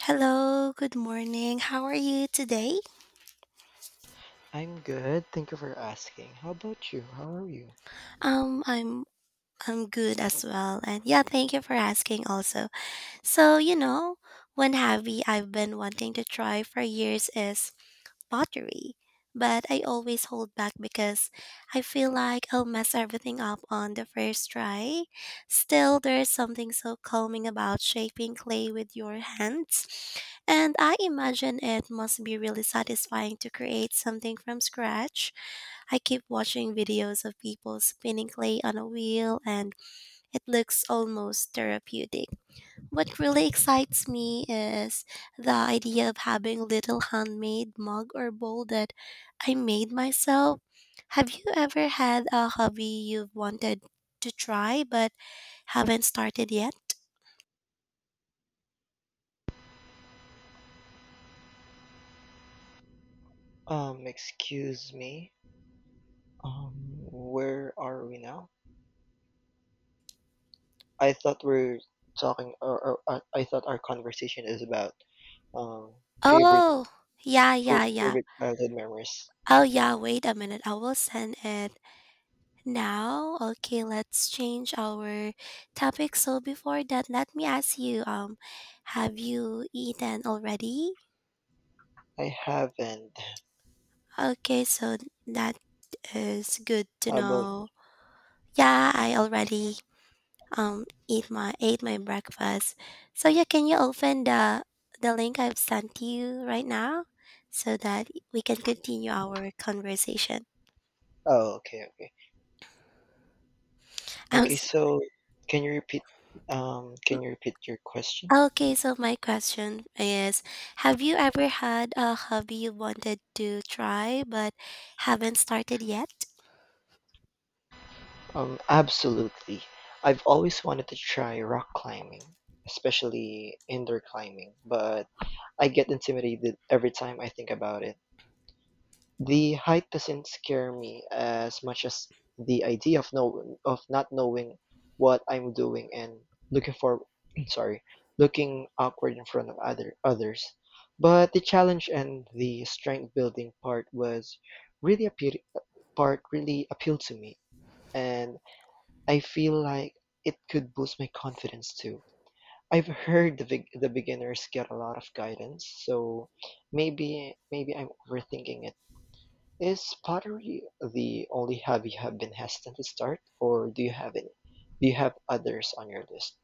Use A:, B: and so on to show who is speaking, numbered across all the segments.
A: Hello, good morning. How are you today?
B: I'm good. Thank you for asking. How about you? How are you?
A: Um, I'm I'm good as well. And yeah, thank you for asking also. So, one hobby I've been wanting to try for years is pottery. But I always hold back because I feel like I'll mess everything up on the first try. Still, there's something so calming about shaping clay with your hands. And I imagine it must be really satisfying to create something from scratch. I keep watching videos of people spinning clay on a wheel, and it looks almost therapeutic. What really excites me is the idea of having little handmade mug or bowl that I made myself. Have you ever had a hobby you've wanted to try but haven't started yet?
B: Excuse me. Where are we now? I thought we're talking, or I thought our conversation is about um favorite
A: Oh, yeah,
B: food,
A: yeah, yeah.
B: favorite childhood memories.
A: Oh, yeah, wait a minute. I will send it. Now, okay, let's change our topic. So before that, let me ask you, have you eaten already?
B: I haven't.
A: Okay, so that is good to
B: How about?
A: know. Yeah, I already eat my ate my breakfast. So yeah, can you open the link I've sent you right now so that we can continue our conversation?
B: Oh, okay, okay,
A: I'm
B: okay.
A: s-.
B: So, can you repeat? Can you repeat your question?
A: Okay, so my question is, have you ever had a hobby you wanted to try but haven't started yet?
B: Absolutely. I've always wanted to try rock climbing, especially indoor climbing, but I get intimidated every time I think about it. The height doesn't scare me as much as the idea of not knowing what I'm doing and looking for sorry, looking awkward in front of other others. But the challenge and the strength building part was really appeal part really appealed to me, and I feel like it could boost my confidence too. I've heard the beginners get a lot of guidance, so maybe I'm overthinking it. Is pottery the only hobby you have been hesitant to start, or do you have others on your list?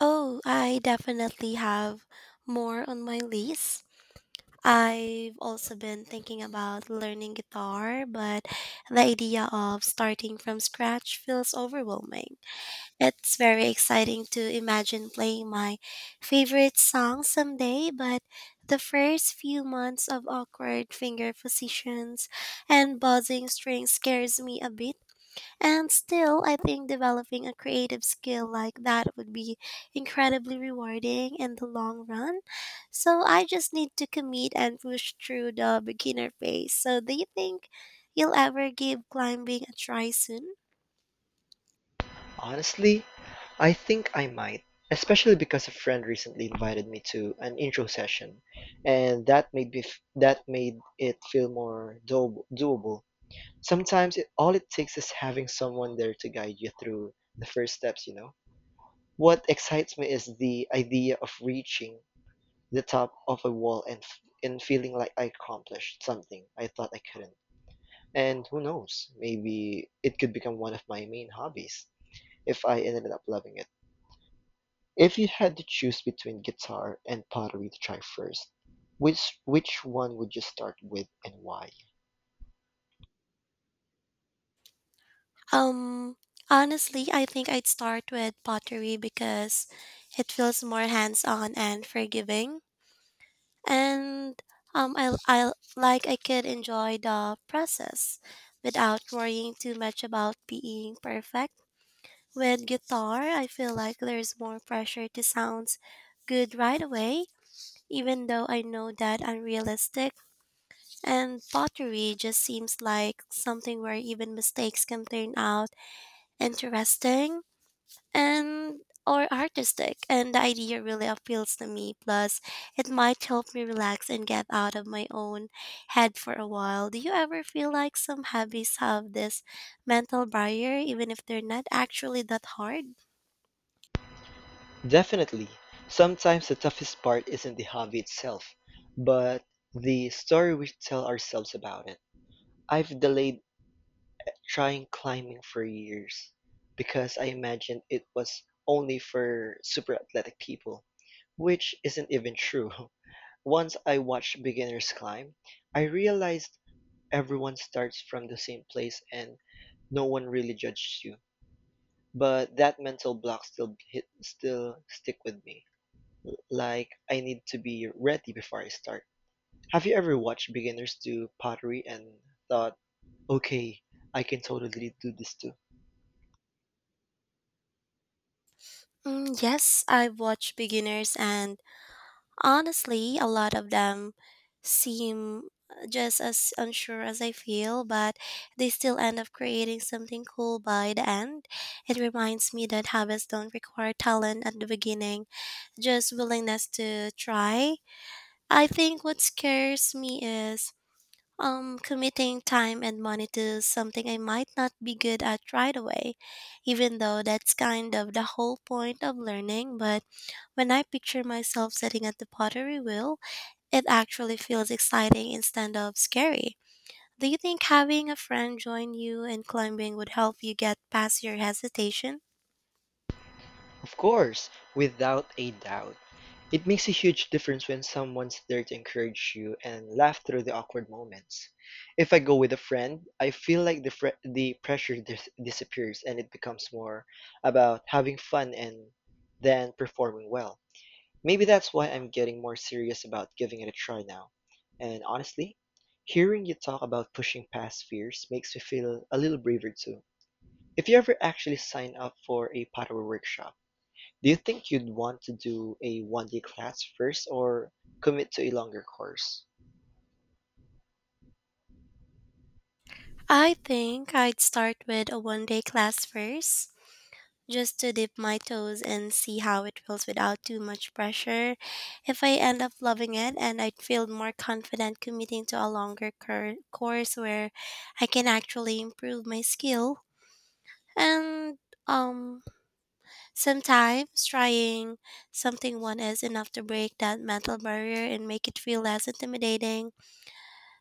A: Oh, I definitely have more on my list. I've also been thinking about learning guitar, but the idea of starting from scratch feels overwhelming. It's very exciting to imagine playing my favorite song someday, but the first few months of awkward finger positions and buzzing strings scares me a bit. And still, I think developing a creative skill like that would be incredibly rewarding in the long run. So I just need to commit and push through the beginner phase. So, do you think you'll ever give climbing a try soon?
B: Honestly, I think I might, especially because a friend recently invited me to an intro session, and that made it feel more do doable. Sometimes it all it takes is having someone there to guide you through the first steps, you know. What excites me is the idea of reaching the top of a wall and feeling like I accomplished something I thought I couldn't. And who knows, maybe it could become one of my main hobbies if I ended up loving it. If you had to choose between guitar and pottery to try first, which one would you start with and why?
A: Um, Honestly, I think I'd start with pottery because it feels more hands-on and forgiving, and I could enjoy the process without worrying too much about being perfect. With guitar, I feel like there's more pressure to sound good right away, even though I know that unrealistic. And pottery just seems like something where even mistakes can turn out interesting and or artistic, and the idea really appeals to me. Plus, it might help me relax and get out of my own head for a while. Do you ever feel like some hobbies have this mental barrier even if they're not actually that hard?
B: Definitely. Sometimes the toughest part isn't the hobby itself, but the story we tell ourselves about it. I've delayed trying climbing for years because I imagined it was only for super athletic people, which isn't even true. Once I watched beginners climb, I realized everyone starts from the same place and no one really judges you. But that mental block still stick with me. Like, I need to be ready before I start. Have you ever watched beginners do pottery and thought, okay, I can totally do this too?
A: Yes, I've watched beginners, and honestly, a lot of them seem just as unsure as I feel, but they still end up creating something cool by the end. It reminds me that habits don't require talent at the beginning, just willingness to try. I think what scares me is committing time and money to something I might not be good at right away, even though that's kind of the whole point of learning. But when I picture myself sitting at the pottery wheel, it actually feels exciting instead of scary. Do you think having a friend join you in climbing would help you get past your hesitation?
B: Of course, without a doubt. It makes a huge difference when someone's there to encourage you and laugh through the awkward moments. If I go with a friend, I feel like the pressure disappears and it becomes more about having fun and than performing well. Maybe that's why I'm getting more serious about giving it a try now. And honestly, hearing you talk about pushing past fears makes me feel a little braver too. If you ever actually sign up for a pottery workshop, do you think you'd want to do a 1-day class first or commit to a longer course?
A: I think I'd start with a 1-day class first, just to dip my toes and see how it feels without too much pressure. If I end up loving it, and I'd feel more confident committing to a longer course where I can actually improve my skill. And, um, sometimes trying something one is enough to break that mental barrier and make it feel less intimidating.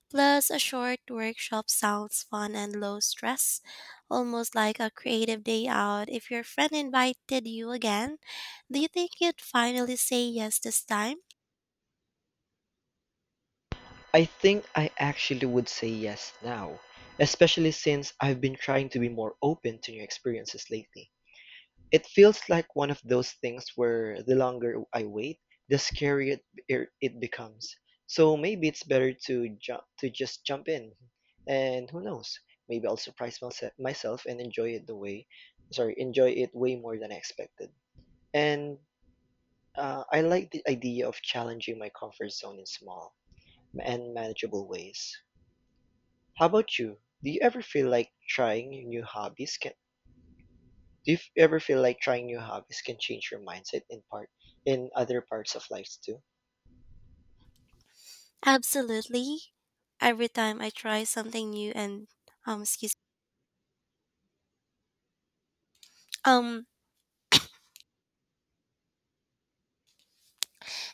A: Plus, a short workshop sounds fun and low stress, almost like a creative day out. If your friend invited you again, do you think you'd finally say yes this time?
B: I think I actually would say yes now, especially since I've been trying to be more open to new experiences lately. It feels like one of those things where the longer I wait, the scarier it becomes. So maybe it's better to just jump in, and who knows? Maybe I'll surprise myself and enjoy it way more than I expected. And I like the idea of challenging my comfort zone in small and manageable ways. How about you? Do you ever feel like trying new hobbies can Do you f- ever feel like trying new hobbies can change your mindset in other parts of life too?
A: Absolutely. Every time I try something new um excuse um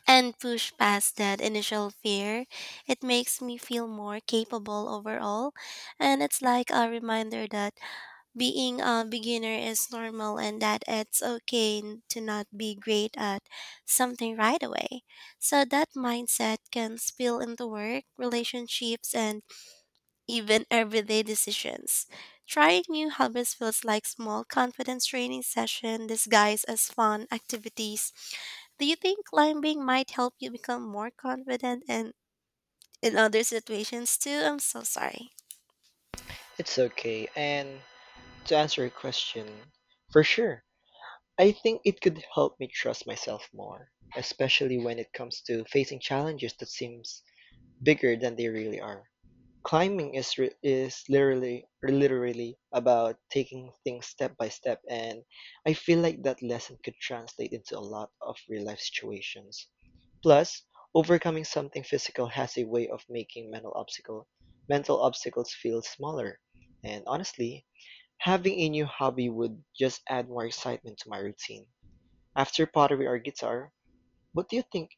A: and push past that initial fear. It makes me feel more capable overall, and it's like a reminder that being a beginner is normal and that it's okay to not be great at something right away. So that mindset can spill into work, relationships, and even everyday decisions. Trying new hobbies feels like small confidence training session disguised as fun activities. Do you think climbing might help you become more confident and in other situations too? I'm so sorry.
B: It's okay. And to answer your question, for sure. I think it could help me trust myself more, especially when it comes to facing challenges that seems bigger than they really are. Climbing is literally about taking things step by step, and I feel like that lesson could translate into a lot of real life situations. Plus, overcoming something physical has a way of making mental obstacles feel smaller. And honestly, having a new hobby would just add more excitement to my routine. After pottery or guitar, what do you think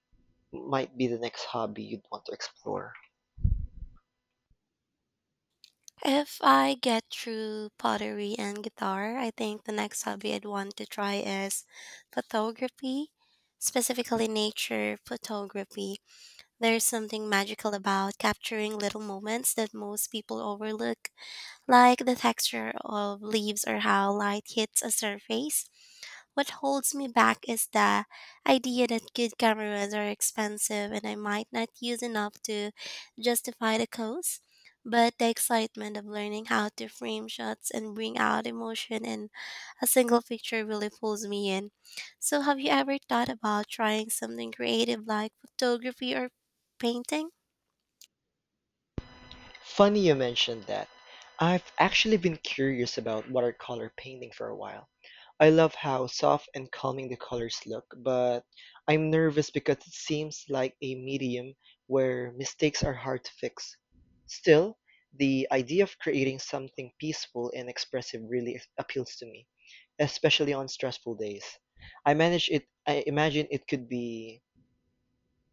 B: might be the next hobby you'd want to explore?
A: If I get through pottery and guitar, I think the next hobby I'd want to try is photography, specifically nature photography. There's something magical about capturing little moments that most people overlook, like the texture of leaves or how light hits a surface. What holds me back is the idea that good cameras are expensive and I might not use enough to justify the cost. But the excitement of learning how to frame shots and bring out emotion in a single picture really pulls me in. So, have you ever thought about trying something creative like photography or painting?
B: Funny you mentioned that. I've actually been curious about watercolor painting for a while. I love how soft and calming the colors look, but I'm nervous because it seems like a medium where mistakes are hard to fix. Still, the idea of creating something peaceful and expressive really appeals to me, especially on stressful days. I imagine it could be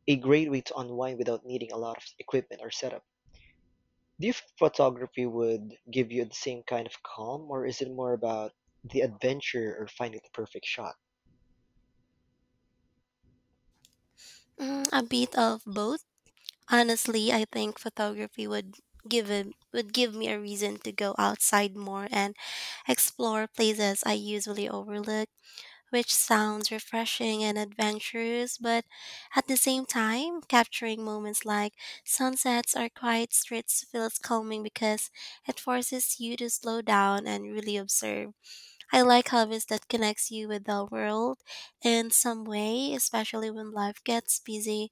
B: a great way to unwind without needing a lot of equipment or setup. Do you think photography would give you the same kind of calm, or is it more about the adventure or finding the perfect shot?
A: Mm, a bit of both. Honestly, I think photography would give it would give me a reason to go outside more and explore places I usually overlook, which sounds refreshing and adventurous, but at the same time, capturing moments like sunsets or quiet streets feels calming because it forces you to slow down and really observe. I like hobbies that connects you with the world in some way, especially when life gets busy.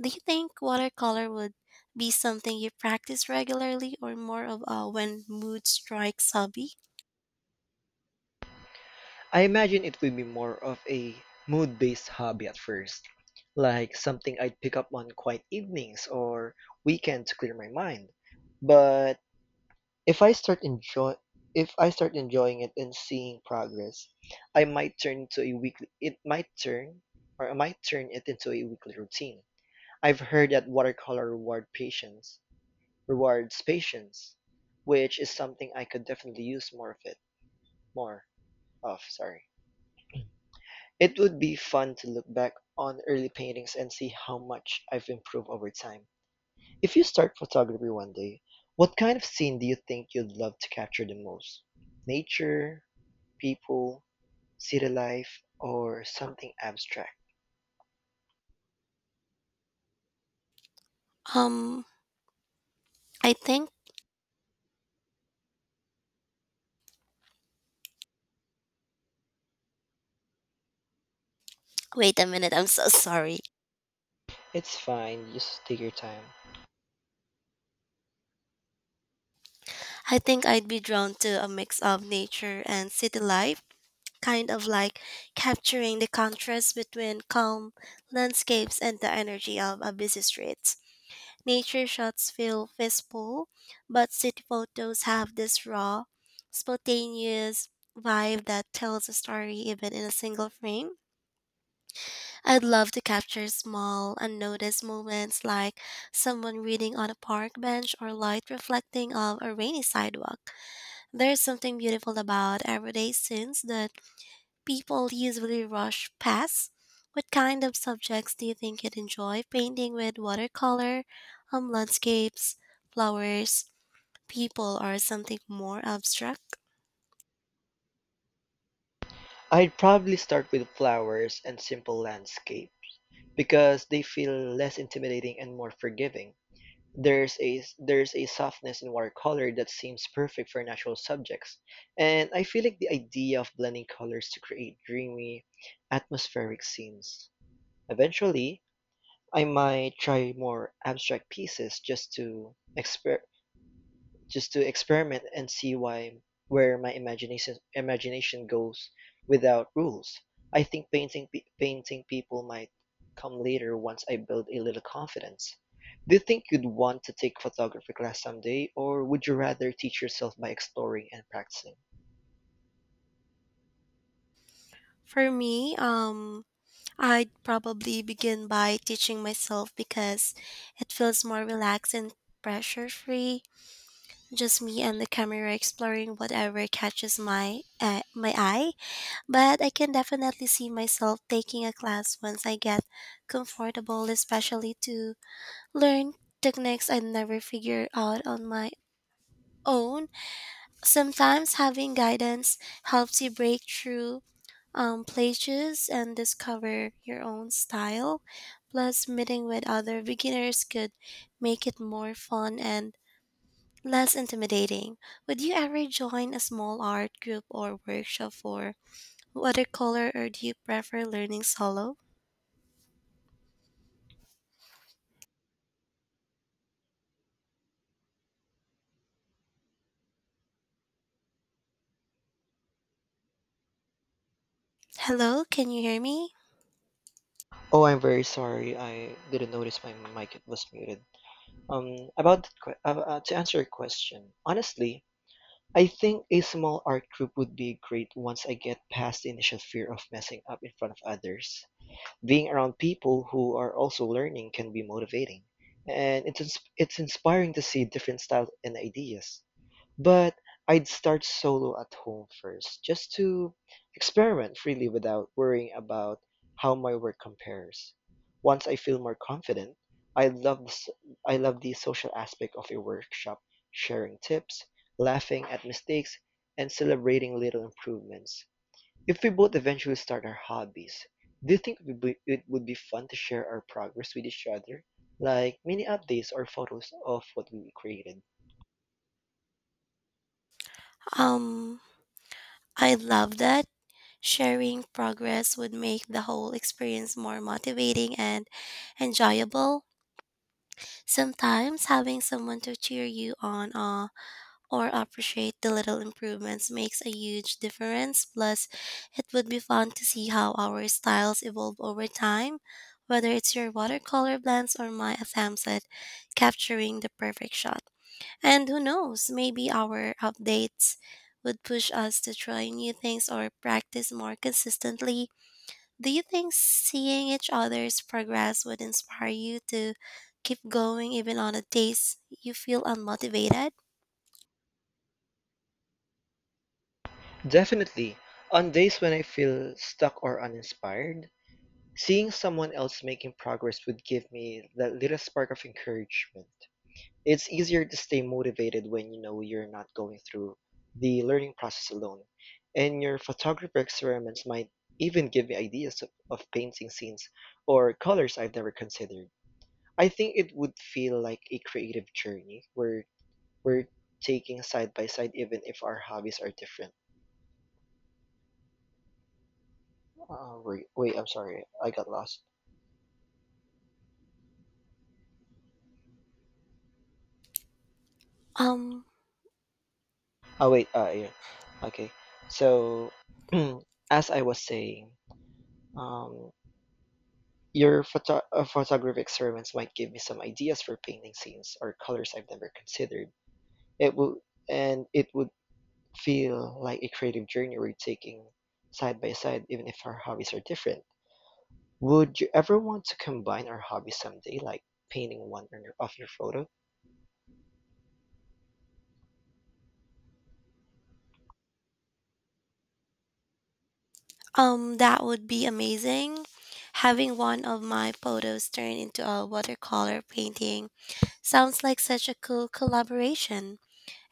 A: Do you think watercolor would be something you practice regularly or more of a when mood strikes hobby?
B: I imagine it would be more of a mood based hobby at first, like something I'd pick up on quiet evenings or weekend to clear my mind. But if I start enjoy if I start enjoying it and seeing progress, I might turn into a weekly it might turn or I might turn it into a weekly routine. I've heard that watercolor reward patience rewards patience, which is something I could definitely use more of it, more of, sorry. It would be fun to look back on early paintings and see how much I've improved over time. If you start photography one day, what kind of scene do you think you'd love to capture the most? Nature, people, city life, or something abstract?
A: Um, I think Wait a minute, I'm so sorry.
B: It's fine, just take your time.
A: I think I'd be drawn to a mix of nature and city life, kind of like capturing the contrast between calm landscapes and the energy of a busy street. Nature shots feel wistful, but city photos have this raw, spontaneous vibe that tells a story even in a single frame. I'd love to capture small, unnoticed moments like someone reading on a park bench or light reflecting off a rainy sidewalk. There's something beautiful about everyday scenes that people usually rush past. What kind of subjects do you think you'd enjoy painting with watercolor, landscapes, flowers, people, or something more abstract?
B: I'd probably start with flowers and simple landscape because they feel less intimidating and more forgiving. There's a softness in watercolor that seems perfect for natural subjects, and I feel like the idea of blending colors to create dreamy, atmospheric scenes. Eventually, I might try more abstract pieces just to experiment and see why where my imagination goes without rules. I think painting people might come later once I build a little confidence. Do you think you'd want to take photography class someday, or would you rather teach yourself by exploring and practicing?
A: For me, I'd probably begin by teaching myself because it feels more relaxed and pressure free. Just me and the camera exploring whatever catches my eye. But I can definitely see myself taking a class once I get comfortable, especially to learn techniques I never figure out on my own. Sometimes having guidance helps you break through plateaus and discover your own style. Plus, meeting with other beginners could make it more fun and less intimidating. Would you ever join a small art group or workshop for watercolor, or do you prefer learning solo? Hello, can you hear me?
B: Oh, I'm very sorry. I didn't notice my mic was muted. About to answer your question, honestly, I think a small art group would be great once I get past the initial fear of messing up in front of others. Being around people who are also learning can be motivating, and it's inspiring to see different styles and ideas. But I'd start solo at home first, just to experiment freely without worrying about how my work compares. Once I feel more confident, I love the, s- I love the social aspect of a workshop, sharing tips, laughing at mistakes, and celebrating little improvements. If we both eventually start our hobbies, do you think it would be fun to share our progress with each other, like mini updates or photos of what we created?
A: Um, I love that. Sharing progress would make the whole experience more motivating and enjoyable. Sometimes having someone to cheer you on or appreciate the little improvements makes a huge difference. Plus, it would be fun to see how our styles evolve over time, whether it's your watercolor blends or my attempts at capturing the perfect shot. And who knows, maybe our updates would push us to try new things or practice more consistently. Do you think seeing each other's progress would inspire you to keep going even on the days you feel unmotivated?
B: Definitely. On days when I feel stuck or uninspired, seeing someone else making progress would give me that little spark of encouragement. It's easier to stay motivated when you know you're not going through the learning process alone. And your photography experiments might even give me ideas of painting scenes or colors I've never considered. I think it would feel like a creative journey where we're taking side by side even if our hobbies are different. I'm sorry. I got lost.
A: Um,
B: Oh, wait, yeah. Okay. So, as I was saying, um, your photography experiments might give me some ideas for painting scenes or colors I've never considered. It will, and it would feel like a creative journey we're taking side by side, even if our hobbies are different. Would you ever want to combine our hobbies someday, like painting one of your photos?
A: that would be amazing. Having one of my photos turn into a watercolor painting sounds like such a cool collaboration.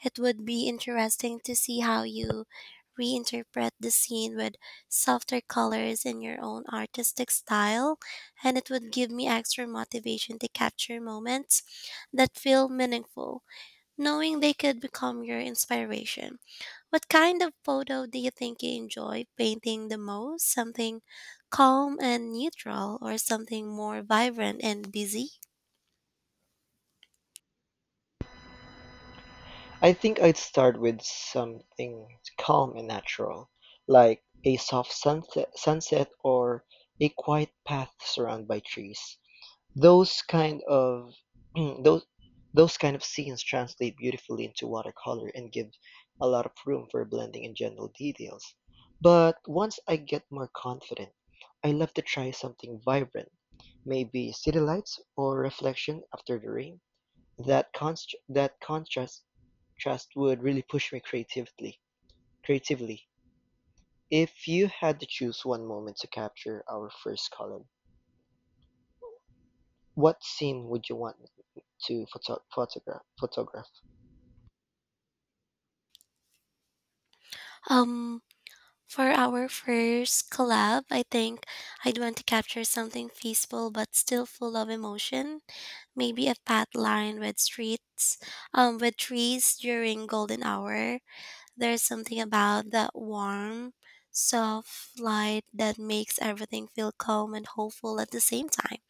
A: It would be interesting to see how you reinterpret the scene with softer colors and your own artistic style, and it would give me extra motivation to capture moments that feel meaningful, knowing they could become your inspiration. What kind of photo do you think you enjoy painting the most? Something calm and neutral, or something more vibrant and busy?
B: I think I'd start with something calm and natural, like a soft sunset or a quiet path surrounded by trees. Those kind of those those kind of scenes translate beautifully into watercolor and give a lot of room for blending and general details. But once I get more confident, I love to try something vibrant, maybe city lights or reflection after the rain. That contrast trust would really push me creatively. Creatively. If you had to choose one moment to capture our first column, what scene would you want to photograph?
A: Um, For our first collab, I think I'd want to capture something peaceful but still full of emotion. Maybe a path lined with streets, with trees during golden hour. There's something about that warm, soft light that makes everything feel calm and hopeful at the same time.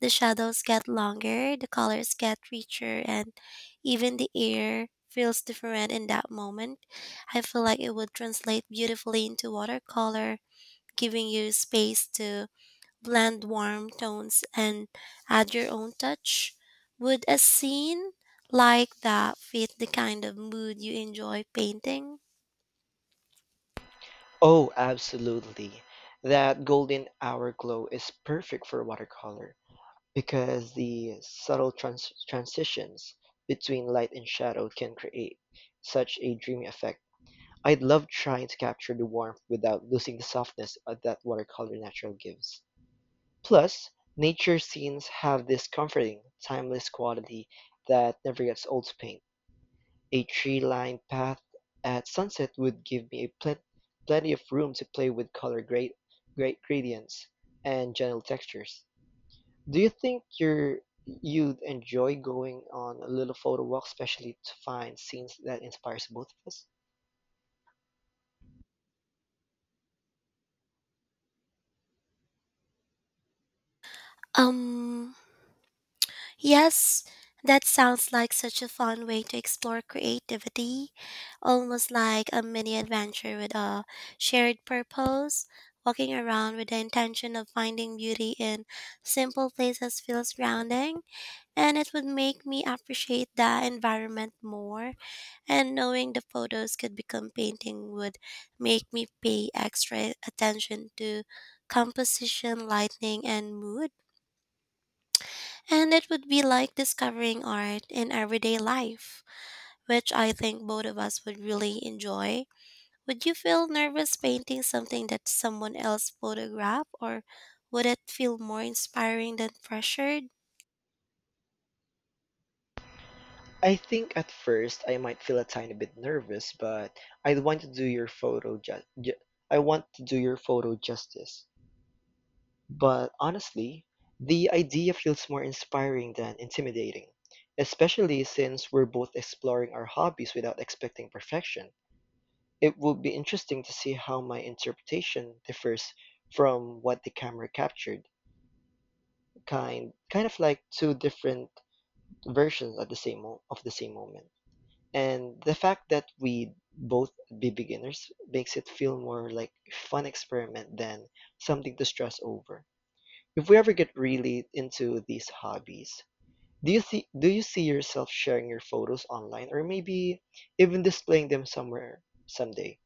A: The shadows get longer, the colors get richer, and even the air feels different in that moment. I feel like it would translate beautifully into watercolor, giving you space to blend warm tones and add your own touch. Would a scene like that fit the kind of mood you enjoy painting?
B: Oh, absolutely. That golden hour glow is perfect for watercolor because the subtle transitions between light and shadow can create such a dreamy effect. I'd love trying to capture the warmth without losing the softness that watercolor natural gives. Plus, nature scenes have this comforting, timeless quality that never gets old to paint. A tree-lined path at sunset would give me a plenty of room to play with color grade, grade gradients and gentle textures. Do you think you'd enjoy going on a little photo walk, especially to find scenes that inspires both of us?
A: Um, Yes, that sounds like such a fun way to explore creativity, almost like a mini adventure with a shared purpose. Walking around with the intention of finding beauty in simple places feels grounding, and it would make me appreciate the environment more. And knowing the photos could become painting would make me pay extra attention to composition, lighting, and mood. And it would be like discovering art in everyday life, which I think both of us would really enjoy. Would you feel nervous painting something that someone else photographed, or would it feel more inspiring than pressured?
B: I think at first I might feel a tiny bit nervous, but I'd want to do your I want to do your photo justice. But honestly, the idea feels more inspiring than intimidating, especially since we're both exploring our hobbies without expecting perfection. It would be interesting to see how my interpretation differs from what the camera captured, kind of like two different versions at the same moment. And the fact that we both be beginners makes it feel more like a fun experiment than something to stress over. If we ever get really into these hobbies, do you see yourself sharing your photos online or maybe even displaying them somewhere someday?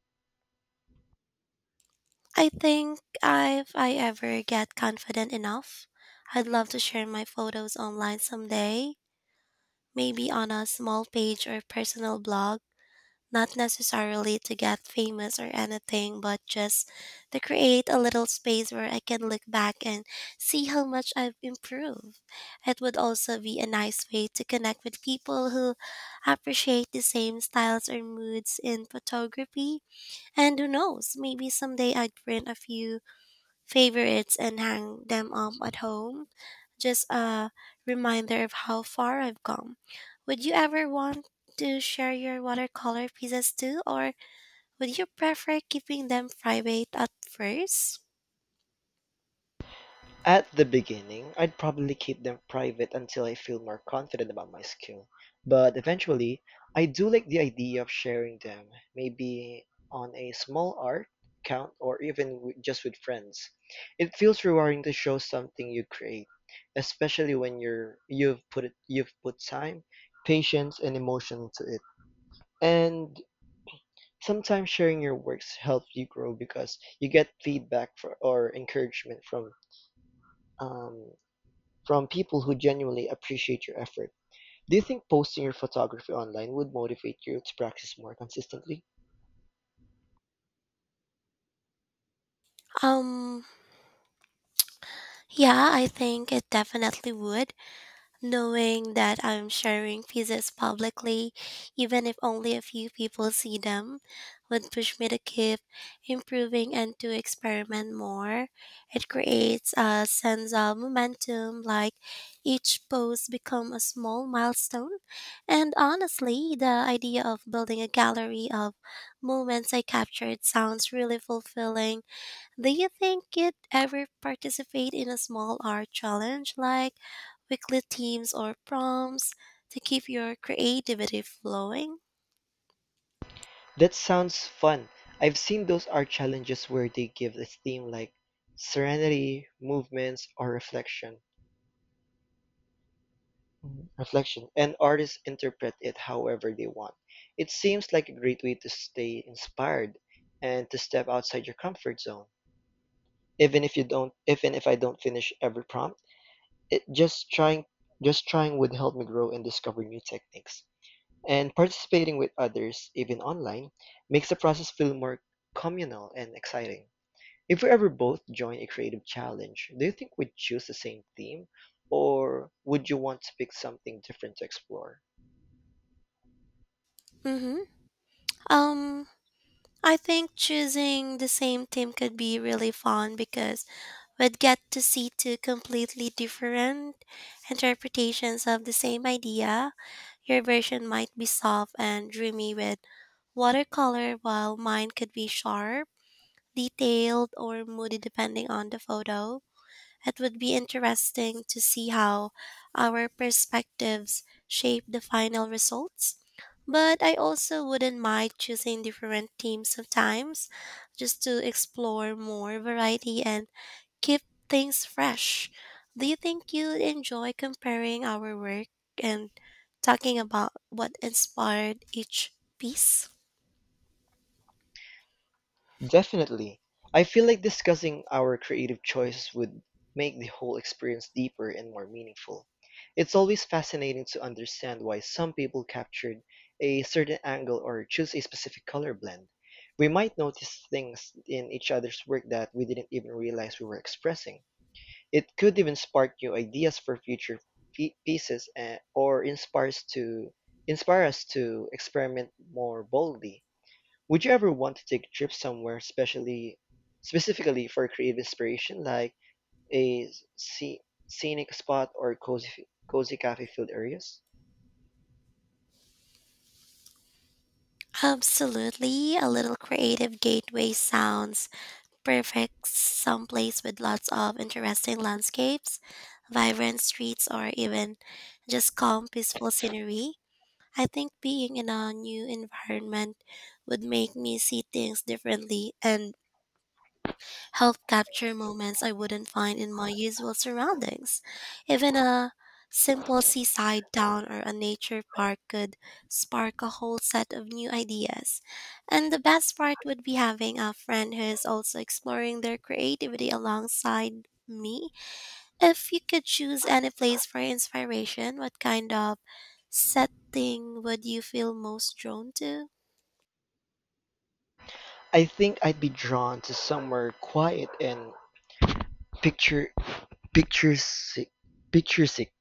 A: I think if I ever get confident enough, I'd love to share my photos online someday, maybe on a small page or personal blog, not necessarily to get famous or anything, but just to create a little space where I can look back and see how much I've improved. It would also be a nice way to connect with people who appreciate the same styles or moods in photography. And who knows, maybe someday I'd print a few favorites and hang them up at home. Just a reminder of how far I've come. Would you ever want to share your watercolor pieces too, or would you prefer keeping them private at first?
B: At the beginning, I'd probably keep them private until I feel more confident about my skill, but eventually, I do like the idea of sharing them, maybe on a small art count or even just with friends. It feels rewarding to show something you create, especially when you've you've put time, patience, and emotion into it. And sometimes sharing your works helps you grow because you get feedback for, or encouragement um, from people who genuinely appreciate your effort. Do you think posting your photography online would motivate you to practice more consistently?
A: Um, yeah, I think it definitely would. Knowing that I'm sharing pieces publicly, even if only a few people see them, would push me to keep improving and to experiment more. It creates a sense of momentum, like each post become a small milestone. And honestly, the idea of building a gallery of moments I captured sounds really fulfilling. Do you think you'd ever participate in a small art challenge like weekly themes or prompts to keep your creativity flowing?
B: That sounds fun. I've seen those art challenges where they give a theme like serenity, movements, or reflection. Reflection, and artists interpret it however they want. It seems like a great way to stay inspired and to step outside your comfort zone. Even if I don't finish every prompt. It just trying Just trying would help me grow and discover new techniques, and participating with others even online makes the process feel more communal and exciting. If we ever both join a creative challenge, do you think we'd choose the same theme, or would you want to pick something different to explore?
A: Mm-hmm. Um, I think choosing the same team could be really fun because we'd get to see two completely different interpretations of the same idea. Your version might be soft and dreamy with watercolor, while mine could be sharp, detailed, or moody depending on the photo. It would be interesting to see how our perspectives shape the final results. But I also wouldn't mind choosing different themes sometimes just to explore more variety and keep things fresh. Do you think you'd enjoy comparing our work and talking about what inspired each piece?
B: Definitely. I feel like discussing our creative choices would make the whole experience deeper and more meaningful. It's always fascinating to understand why some people captured a certain angle or choose a specific color blend. We might notice things in each other's work that we didn't even realize we were expressing. It could even spark new ideas for future pieces or inspire us to experiment more boldly. Would you ever want to take a trip somewhere especially specifically for creative inspiration, like a sce- scenic spot or cozy cafe filled areas?
A: Absolutely. A little creative gateway sounds perfect, someplace with lots of interesting landscapes, vibrant streets, or even just calm, peaceful scenery. I think being in a new environment would make me see things differently and help capture moments I wouldn't find in my usual surroundings. Even a simple seaside town or a nature park could spark a whole set of new ideas. And the best part would be having a friend who is also exploring their creativity alongside me. If you could choose any place for inspiration, what kind of setting would you feel most drawn to?
B: I think I'd be drawn to somewhere quiet and picture picturesque picturesque,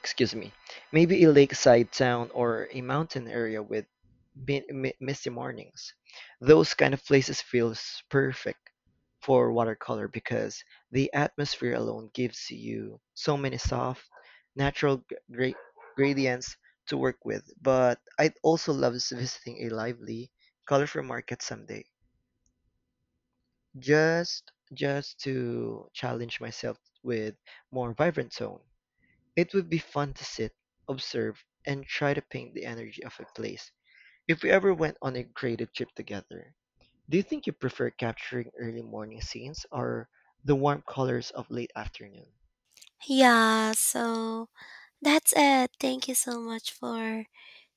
B: excuse me. Maybe a lakeside town or a mountain area with misty mornings. Those kind of places feels perfect for watercolor because the atmosphere alone gives you so many soft, natural gradients to work with. But I'd also love visiting a lively, colorful market someday, just to challenge myself with more vibrant tone. It would be fun to sit, observe, and try to paint the energy of a place. If we ever went on a creative trip together, do you think you prefer capturing early morning scenes or the warm colors of late afternoon?
A: Yeah, so that's it. Thank you so much for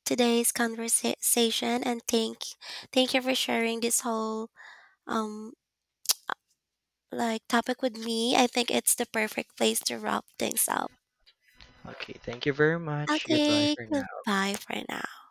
A: today's conversation, and thank you for sharing this whole um topic with me. I think it's the perfect place to wrap things up.
B: Okay, thank you very much. Goodbye
A: Okay,
B: for now.
A: goodbye for now.